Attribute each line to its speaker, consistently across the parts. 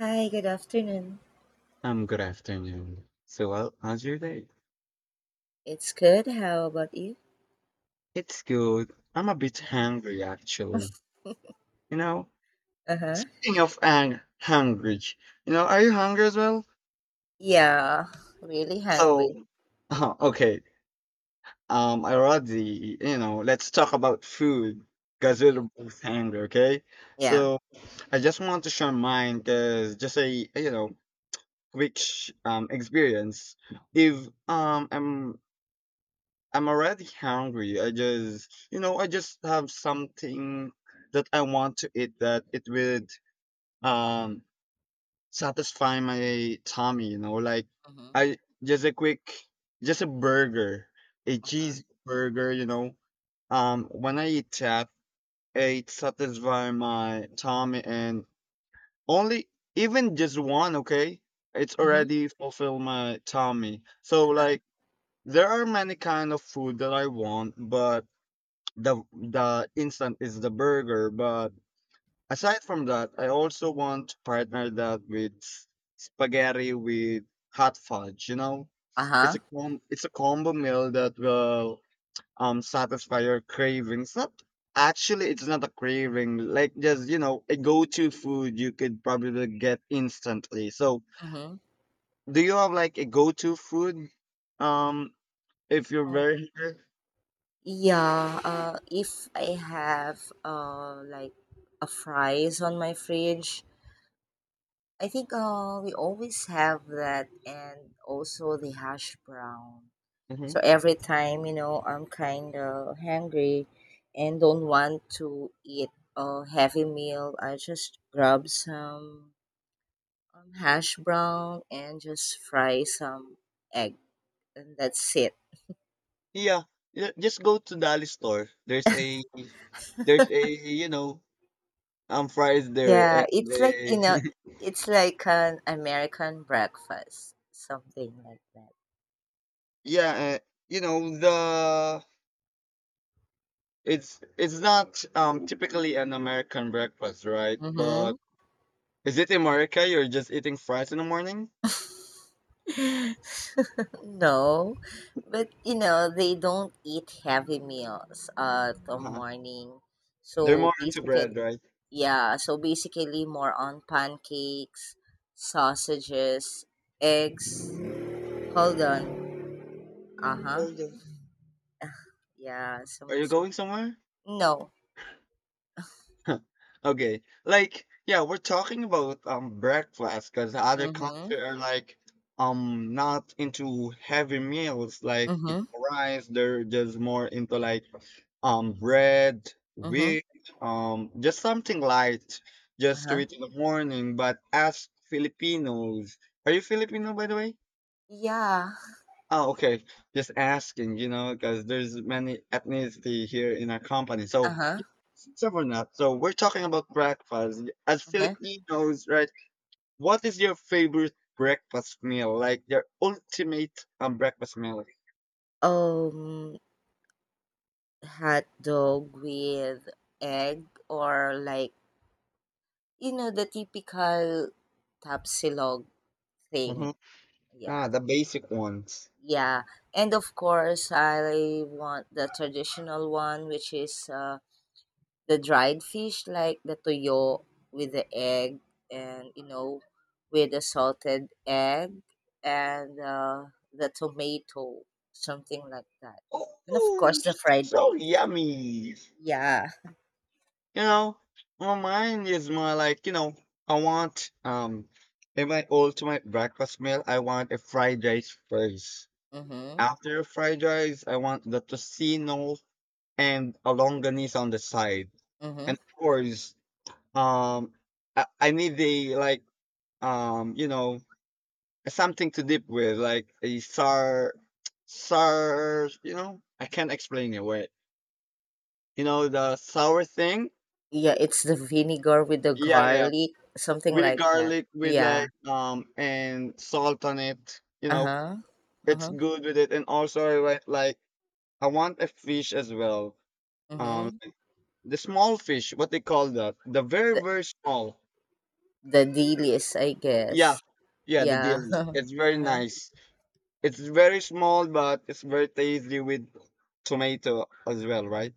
Speaker 1: Hi, good afternoon.
Speaker 2: Good afternoon. How's your day?
Speaker 1: It's good. How about you?
Speaker 2: It's good. I'm a bit hungry, actually. You know,
Speaker 1: Uh huh.
Speaker 2: speaking of ang hungry, you know, are you hungry as well?
Speaker 1: Yeah, really hungry.
Speaker 2: So, okay. I already, you know, let's talk about food because we're
Speaker 1: Mm-hmm.
Speaker 2: both hungry, okay?
Speaker 1: Yeah.
Speaker 2: So, I just want to share mine because just a, you know, quick experience. If I'm already hungry, I just, you know, I just have something that I want to eat that it would um satisfy my tummy, you know, like
Speaker 1: Mm-hmm.
Speaker 2: I just a quick just a burger, a
Speaker 1: Uh huh.
Speaker 2: cheeseburger, you know. When I eat that, it satisfy my tummy and only even just one, okay? It's
Speaker 1: Mm-hmm.
Speaker 2: already fulfill my tummy.
Speaker 1: Uh
Speaker 2: So
Speaker 1: huh.
Speaker 2: like there are many kind of food that I want, but the instant is the burger, but aside from that, I also want to partner that with spaghetti with hot fudge, you know.
Speaker 1: Uh
Speaker 2: it's
Speaker 1: huh.
Speaker 2: a com- it's a combo meal that will satisfy your cravings. Not actually, it's not a craving, like just, you know, a go-to food you could probably get instantly. So
Speaker 1: Mm-hmm.
Speaker 2: do you have like a go-to food, um if you're very
Speaker 1: Oh.
Speaker 2: hungry?
Speaker 1: Yeah. If I have like a fries on my fridge, I think we always have that, and also the hash brown. So
Speaker 2: Mhm.
Speaker 1: every time, you know, I'm kind of hungry and don't want to eat a heavy meal, I just grab some hash brown and just fry some egg, and that's it.
Speaker 2: Yeah, just go to Dali store. There's a there's a, you know, fries there,
Speaker 1: Yeah,
Speaker 2: and
Speaker 1: it's like, you
Speaker 2: they
Speaker 1: know, it's like an American breakfast, something like that.
Speaker 2: yeah, you know, the it's it's not typically an American breakfast, right?
Speaker 1: Mm-hmm.
Speaker 2: But is it America? You're just eating fries in the morning?
Speaker 1: No, but you know, they don't eat heavy meals at the
Speaker 2: Uh-huh.
Speaker 1: morning. So
Speaker 2: They're more into
Speaker 1: basically,
Speaker 2: bread, right?
Speaker 1: yeah, so basically more on pancakes, sausages, eggs. Hold on. Uh-huh.
Speaker 2: Holding.
Speaker 1: Yeah,
Speaker 2: Are you
Speaker 1: someone's
Speaker 2: going somewhere?
Speaker 1: no.
Speaker 2: Okay. Like, yeah, we're talking about breakfast because other country
Speaker 1: Mm-hmm.
Speaker 2: are like not into heavy meals like it
Speaker 1: Mm-hmm.
Speaker 2: rice. They're just more into like bread,
Speaker 1: Mm-hmm.
Speaker 2: wheat, just something light, just to
Speaker 1: Uh-huh.
Speaker 2: eat in the morning. But as Filipinos, are you Filipino by the way?
Speaker 1: Yeah.
Speaker 2: Oh, okay. Just asking, you know, because there's many ethnicity here in our company. So
Speaker 1: Uh-huh.
Speaker 2: several not. So we're talking about breakfast. As
Speaker 1: Uh-huh.
Speaker 2: Filipinos, right? What is your favorite breakfast meal? Like your ultimate breakfast meal?
Speaker 1: Um Hot dog with egg or like you know the typical tapsilog
Speaker 2: Hmm.
Speaker 1: thing. Yeah.
Speaker 2: Ah, the basic ones.
Speaker 1: Yeah. And of course I want the traditional one which is the dried fish like the toyo with the egg and you know with the salted egg and the tomato something like that and of course
Speaker 2: Oh,
Speaker 1: the fried
Speaker 2: so
Speaker 1: rice.
Speaker 2: yummy.
Speaker 1: Yeah.
Speaker 2: You know, well, mine is more like, you know, I want in my ultimate breakfast meal, I want a fried rice first.
Speaker 1: Mm-hmm.
Speaker 2: After fried rice, I want the tocino and a longanisa on the side.
Speaker 1: Mm-hmm.
Speaker 2: And of course, um, I need the like, you know, something to dip with, like a sour, sour, you know, I can't explain it. Wait, you know, the sour thing.
Speaker 1: Yeah, it's the vinegar with the
Speaker 2: Yeah, yeah, yeah.
Speaker 1: garlic, something
Speaker 2: With the
Speaker 1: like that.
Speaker 2: garlic, with
Speaker 1: Yeah.
Speaker 2: like and salt on it. You know,
Speaker 1: Uh-huh.
Speaker 2: it's
Speaker 1: Uh-huh.
Speaker 2: good with it. And also, I want like I want a fish as well. Um,
Speaker 1: Mm-hmm.
Speaker 2: the small fish, what they call that, the very
Speaker 1: the,
Speaker 2: very small.
Speaker 1: the delis I guess.
Speaker 2: Yeah, yeah, the
Speaker 1: Yeah.
Speaker 2: dailies. It's very
Speaker 1: Uh-huh.
Speaker 2: nice. It's very small, but it's very tasty with tomato as well, right?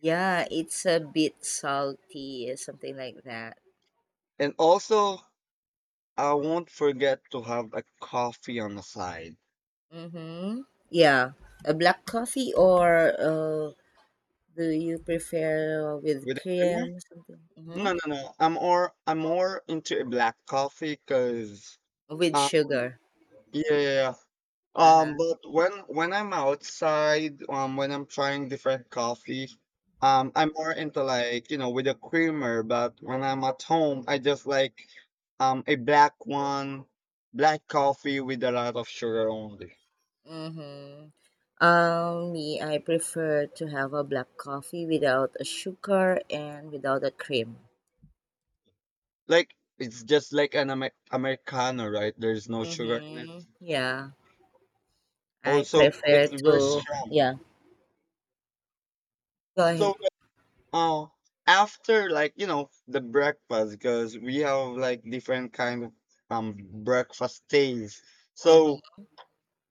Speaker 1: Yeah, it's a bit salty, something like that.
Speaker 2: And also, I won't forget to have a coffee on the side
Speaker 1: Mm-hmm. Yeah. A black coffee or do you prefer with
Speaker 2: with a creamer.
Speaker 1: cream or something? Mm-hmm.
Speaker 2: No, no, no. I'm more, I'm more into a black coffee because
Speaker 1: With
Speaker 2: uh
Speaker 1: sugar.
Speaker 2: yeah, yeah, yeah.
Speaker 1: Uh-huh.
Speaker 2: But when I'm outside, when I'm trying different coffee, I'm more into like, you know, with a creamer, but when I'm at home, I just like a black one, black coffee with a lot of sugar only.
Speaker 1: Mm-hmm. Me, I prefer to have a black coffee without a sugar and without a cream.
Speaker 2: Like it's just like an Americano, right? There's no sugar in it.
Speaker 1: Mm-hmm. Yeah. I
Speaker 2: Also,
Speaker 1: prefer
Speaker 2: it's very
Speaker 1: to,
Speaker 2: strong.
Speaker 1: yeah. Go ahead.
Speaker 2: So oh, after like, you know, the breakfast because we have like different kind of um breakfast things. So
Speaker 1: Mm-hmm.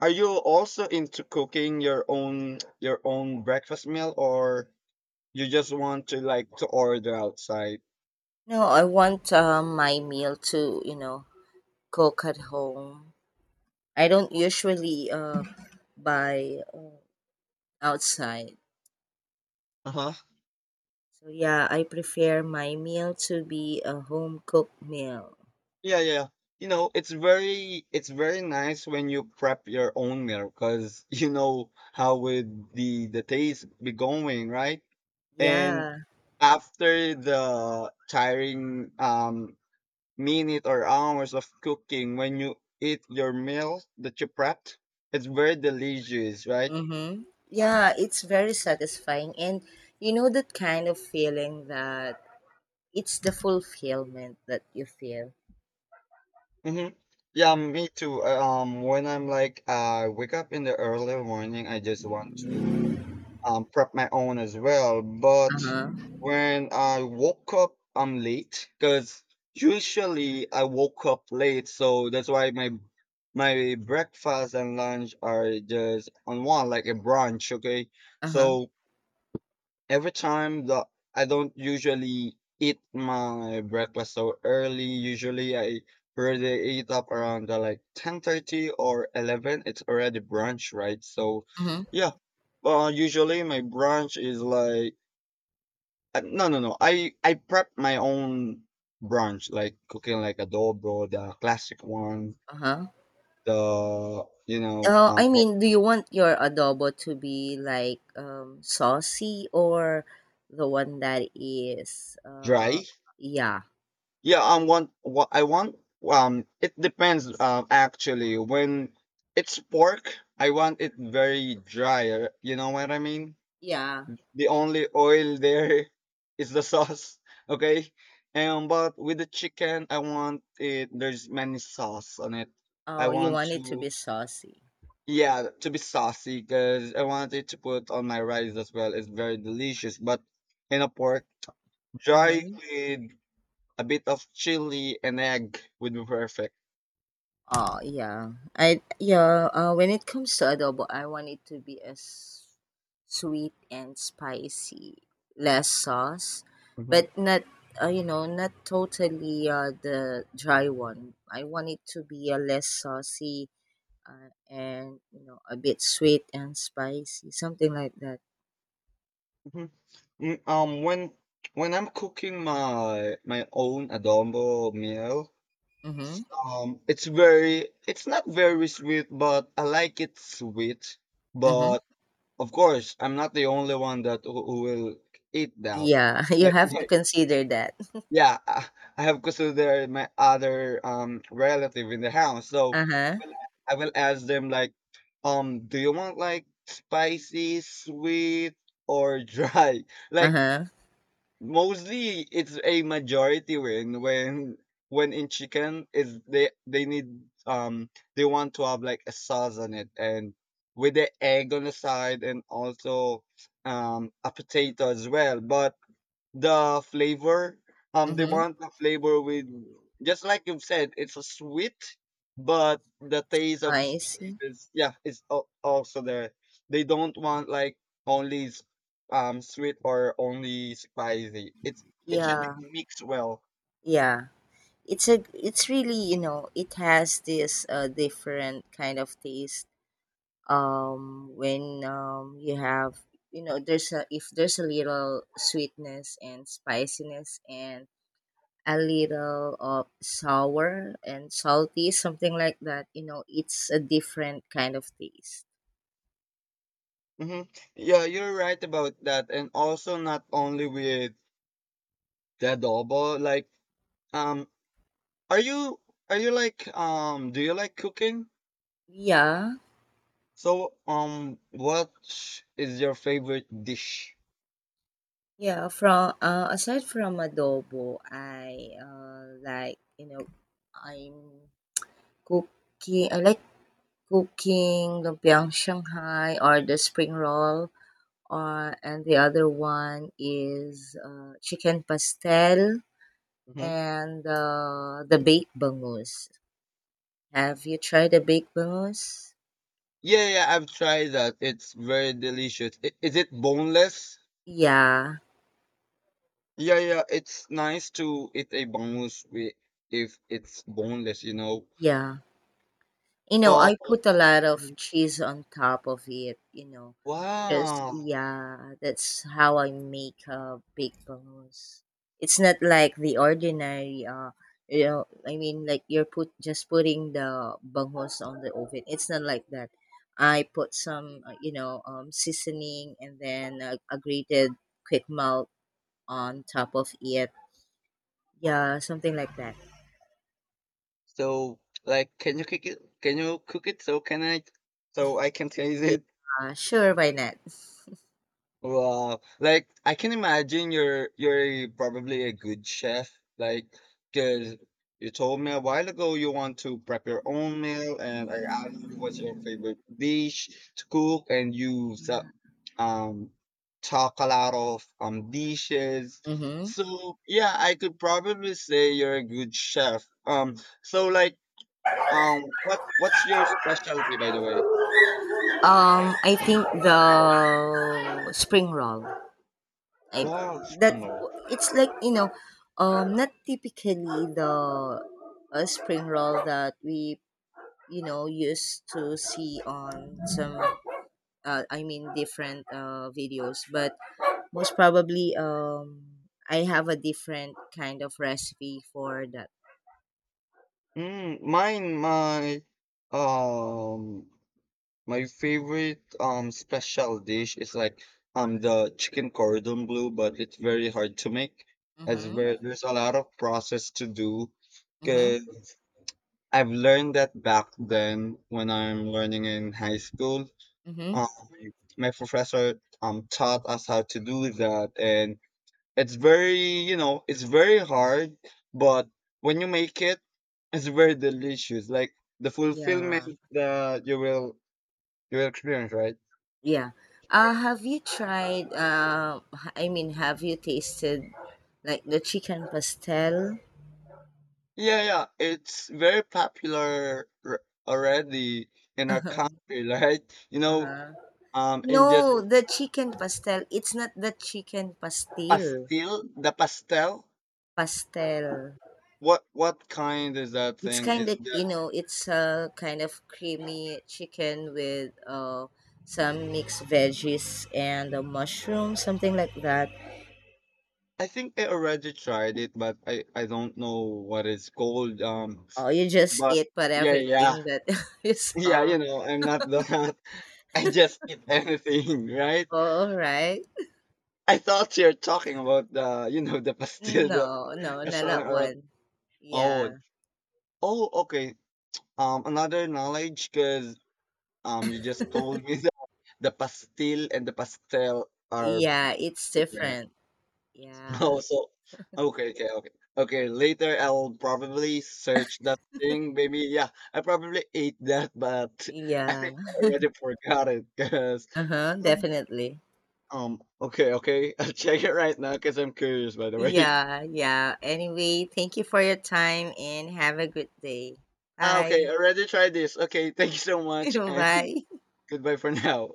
Speaker 2: are you also into cooking your own breakfast meal, or you just want to like to order outside?
Speaker 1: No, I want my meal to, you know, cook at home. I don't usually buy. Outside.
Speaker 2: Uh-huh.
Speaker 1: So yeah, I prefer my meal to be a home cooked meal.
Speaker 2: Yeah, yeah. You know, it's very, it's very nice when you prep your own meal because you know how would the taste be going, right? And
Speaker 1: Yeah.
Speaker 2: after the tiring minute or hours of cooking, when you eat your meal that you prepped, it's very delicious, right?
Speaker 1: Mhm. Yeah, it's very satisfying and you know that kind of feeling that it's the fulfillment that you feel.
Speaker 2: Hmm. Yeah,
Speaker 1: Mm.
Speaker 2: me too. When I'm like, I wake up in the early morning, I just want to prep my own as well, but
Speaker 1: Uh-huh.
Speaker 2: when I woke up, I'm late because usually I woke up late, so that's why my my breakfast and lunch are just on one, like a brunch, okay?
Speaker 1: Uh-huh.
Speaker 2: So every time the I don't usually eat my breakfast so early. Usually I already eat up around the, like 10:30 or 11, it's already brunch, right? So
Speaker 1: Uh-huh.
Speaker 2: yeah, usually my brunch is like no no no I I prep my own brunch, like cooking like adobo, the classic one,
Speaker 1: Uh-huh.
Speaker 2: the you know
Speaker 1: I mean, do you want your adobo to be like saucy or the one that is
Speaker 2: dry?
Speaker 1: yeah.
Speaker 2: Yeah, want what I want. It depends. Actually, when it's pork, I want it very dry. You know what I mean?
Speaker 1: Yeah.
Speaker 2: The
Speaker 1: And
Speaker 2: only oil there is the sauce. Okay, and but with the chicken, I want it. There's many sauce on it. I
Speaker 1: oh, you
Speaker 2: want
Speaker 1: want it to
Speaker 2: to,
Speaker 1: be saucy.
Speaker 2: yeah, to be saucy because I want it to put on my rice as well. It's very delicious. But in a pork, dry
Speaker 1: Mm-hmm.
Speaker 2: with a bit of chili and egg would be perfect.
Speaker 1: Oh yeah, I yeah. When it comes to adobo, I want it to be as sweet and spicy, less sauce, but
Speaker 2: Mhm.
Speaker 1: not you know, not totally the dry one. I want it to be a less saucy, and you know a bit sweet and spicy, something like that.
Speaker 2: Mhm. Mm, Um, when when I'm cooking my own adobo meal,
Speaker 1: Mm-hmm.
Speaker 2: it's very, it's not very sweet, but I like it sweet.
Speaker 1: Mm-hmm.
Speaker 2: But of course, I'm not the only one that who will eat that.
Speaker 1: Yeah, you have to consider that.
Speaker 2: Yeah, I have considered my other relative in the house. So
Speaker 1: Uh huh.
Speaker 2: well, I will ask them like, do you want like spicy, sweet, or dry?
Speaker 1: Uh
Speaker 2: Like
Speaker 1: huh.
Speaker 2: mostly it's a majority when when in chicken is they need um they want to have like a sauce on it and with the egg on the side, and also a potato as well. But the flavor. They
Speaker 1: Mm-hmm.
Speaker 2: want the flavor with just like you've said, it's a sweet, but the taste of
Speaker 1: I
Speaker 2: spice
Speaker 1: see.
Speaker 2: is yeah, also there. They don't want like only sweet or only spicy. It's it should
Speaker 1: Yeah.
Speaker 2: be mixed well.
Speaker 1: Yeah. It's really, you know, it has this different kind of taste. When you have you know, there's a if there's a little sweetness and spiciness and a little of sour and salty, something like that, you know, it's a different kind of taste.
Speaker 2: Hmm. Yeah, you're right about that, and also not only with the adobo. Like, um, are you, are you like do you like cooking?
Speaker 1: Yeah,
Speaker 2: So, what is your favorite dish?
Speaker 1: yeah. From aside from adobo, I like you know, I'm cooking. I like cooking lumpiang Shanghai or the spring roll, or and the other one is chicken pastel
Speaker 2: Hmm.
Speaker 1: and the baked bangus. Have you tried the baked bangus?
Speaker 2: Yeah, yeah, I've tried that. It's very delicious. Is it boneless?
Speaker 1: Yeah,
Speaker 2: Yeah, yeah, it's nice to eat a bangus with if it's boneless, you know.
Speaker 1: yeah. You know,
Speaker 2: But
Speaker 1: I put a lot of
Speaker 2: mhm.
Speaker 1: cheese on top of it. You know, just
Speaker 2: Wow,
Speaker 1: yeah, that's how I make a big bangos. It's not like the ordinary you know, I mean like you're put just putting the bangos on the oven. It's not like that. I put some you know seasoning and then a grated quick melt on top of it. Yeah, something like that.
Speaker 2: so like, can you cook it? Can you cook it? So can I? So I can taste it.
Speaker 1: Yeah, sure, why not?
Speaker 2: Wow. Like I can imagine you're probably a good chef, like 'cause you told me a while ago you want to prep your own meal, and I asked you what's your favorite dish to cook, and
Speaker 1: Yeah.
Speaker 2: um talk a lot of dishes.
Speaker 1: Mm-hmm.
Speaker 2: So yeah, I could probably say you're a good chef. So like what's your specialty by the way?
Speaker 1: I think the spring roll. I,
Speaker 2: Wow,
Speaker 1: that
Speaker 2: no.
Speaker 1: it's like you know, not typically the spring roll that we you know used to see on some. I mean, different videos, but most probably, I have a different kind of recipe for that.
Speaker 2: My um, my favorite special dish is like the chicken cordon bleu, but it's very hard to make as
Speaker 1: Mm-hmm.
Speaker 2: where there's a lot of process to do.
Speaker 1: Mm-hmm.
Speaker 2: Cause I've learned that back then when I'm learning in high school,
Speaker 1: Mm-hmm.
Speaker 2: um, my professor taught us how to do that, and it's very, you know, it's very hard, but when you make it, it's very delicious. Like the
Speaker 1: Yeah,
Speaker 2: fulfillment that you will, you will experience, right?
Speaker 1: yeah. Have you tried, I mean, have you tasted like the chicken pastel?
Speaker 2: Yeah, yeah. It's very popular r- already in our
Speaker 1: Uh-huh.
Speaker 2: country, right? You know,
Speaker 1: Uh-huh.
Speaker 2: in just
Speaker 1: No, the chicken pastel. It's not the chicken pastel.
Speaker 2: pastel, the pastel.
Speaker 1: Pastel.
Speaker 2: What kind is that
Speaker 1: It's
Speaker 2: thing? Is
Speaker 1: kind of, you
Speaker 2: that
Speaker 1: know, it's a kind of creamy chicken with some mixed veggies and a mushroom, something like that.
Speaker 2: I think I already tried it, but I don't know what it's called.
Speaker 1: Oh, you just
Speaker 2: But
Speaker 1: eat but
Speaker 2: yeah, yeah.
Speaker 1: everything that you
Speaker 2: Yeah,
Speaker 1: saw.
Speaker 2: you know, I'm not the I just eat anything, right?
Speaker 1: All right.
Speaker 2: I thought you're talking about the, you know, the pastil that
Speaker 1: No, no,
Speaker 2: is
Speaker 1: not
Speaker 2: selling
Speaker 1: that
Speaker 2: around.
Speaker 1: one.
Speaker 2: Oh,
Speaker 1: Yeah.
Speaker 2: oh, okay. Another knowledge, because you just told me that the pastil and the pastel are
Speaker 1: Yeah, it's
Speaker 2: different.
Speaker 1: different. Yeah.
Speaker 2: Oh, so okay, okay, okay, okay. Later, I'll probably search that thing. Maybe, yeah, I probably ate that, but I
Speaker 1: Yeah.
Speaker 2: think I already forgot it because.
Speaker 1: Uh-huh, definitely.
Speaker 2: Okay, okay. I'll check it right now because I'm curious, by the way.
Speaker 1: Yeah, yeah. Anyway, thank you for your time and have a good day.
Speaker 2: Ah, okay,
Speaker 1: Bye.
Speaker 2: already tried this. Okay, thank you so much, and
Speaker 1: Bye.
Speaker 2: goodbye for now.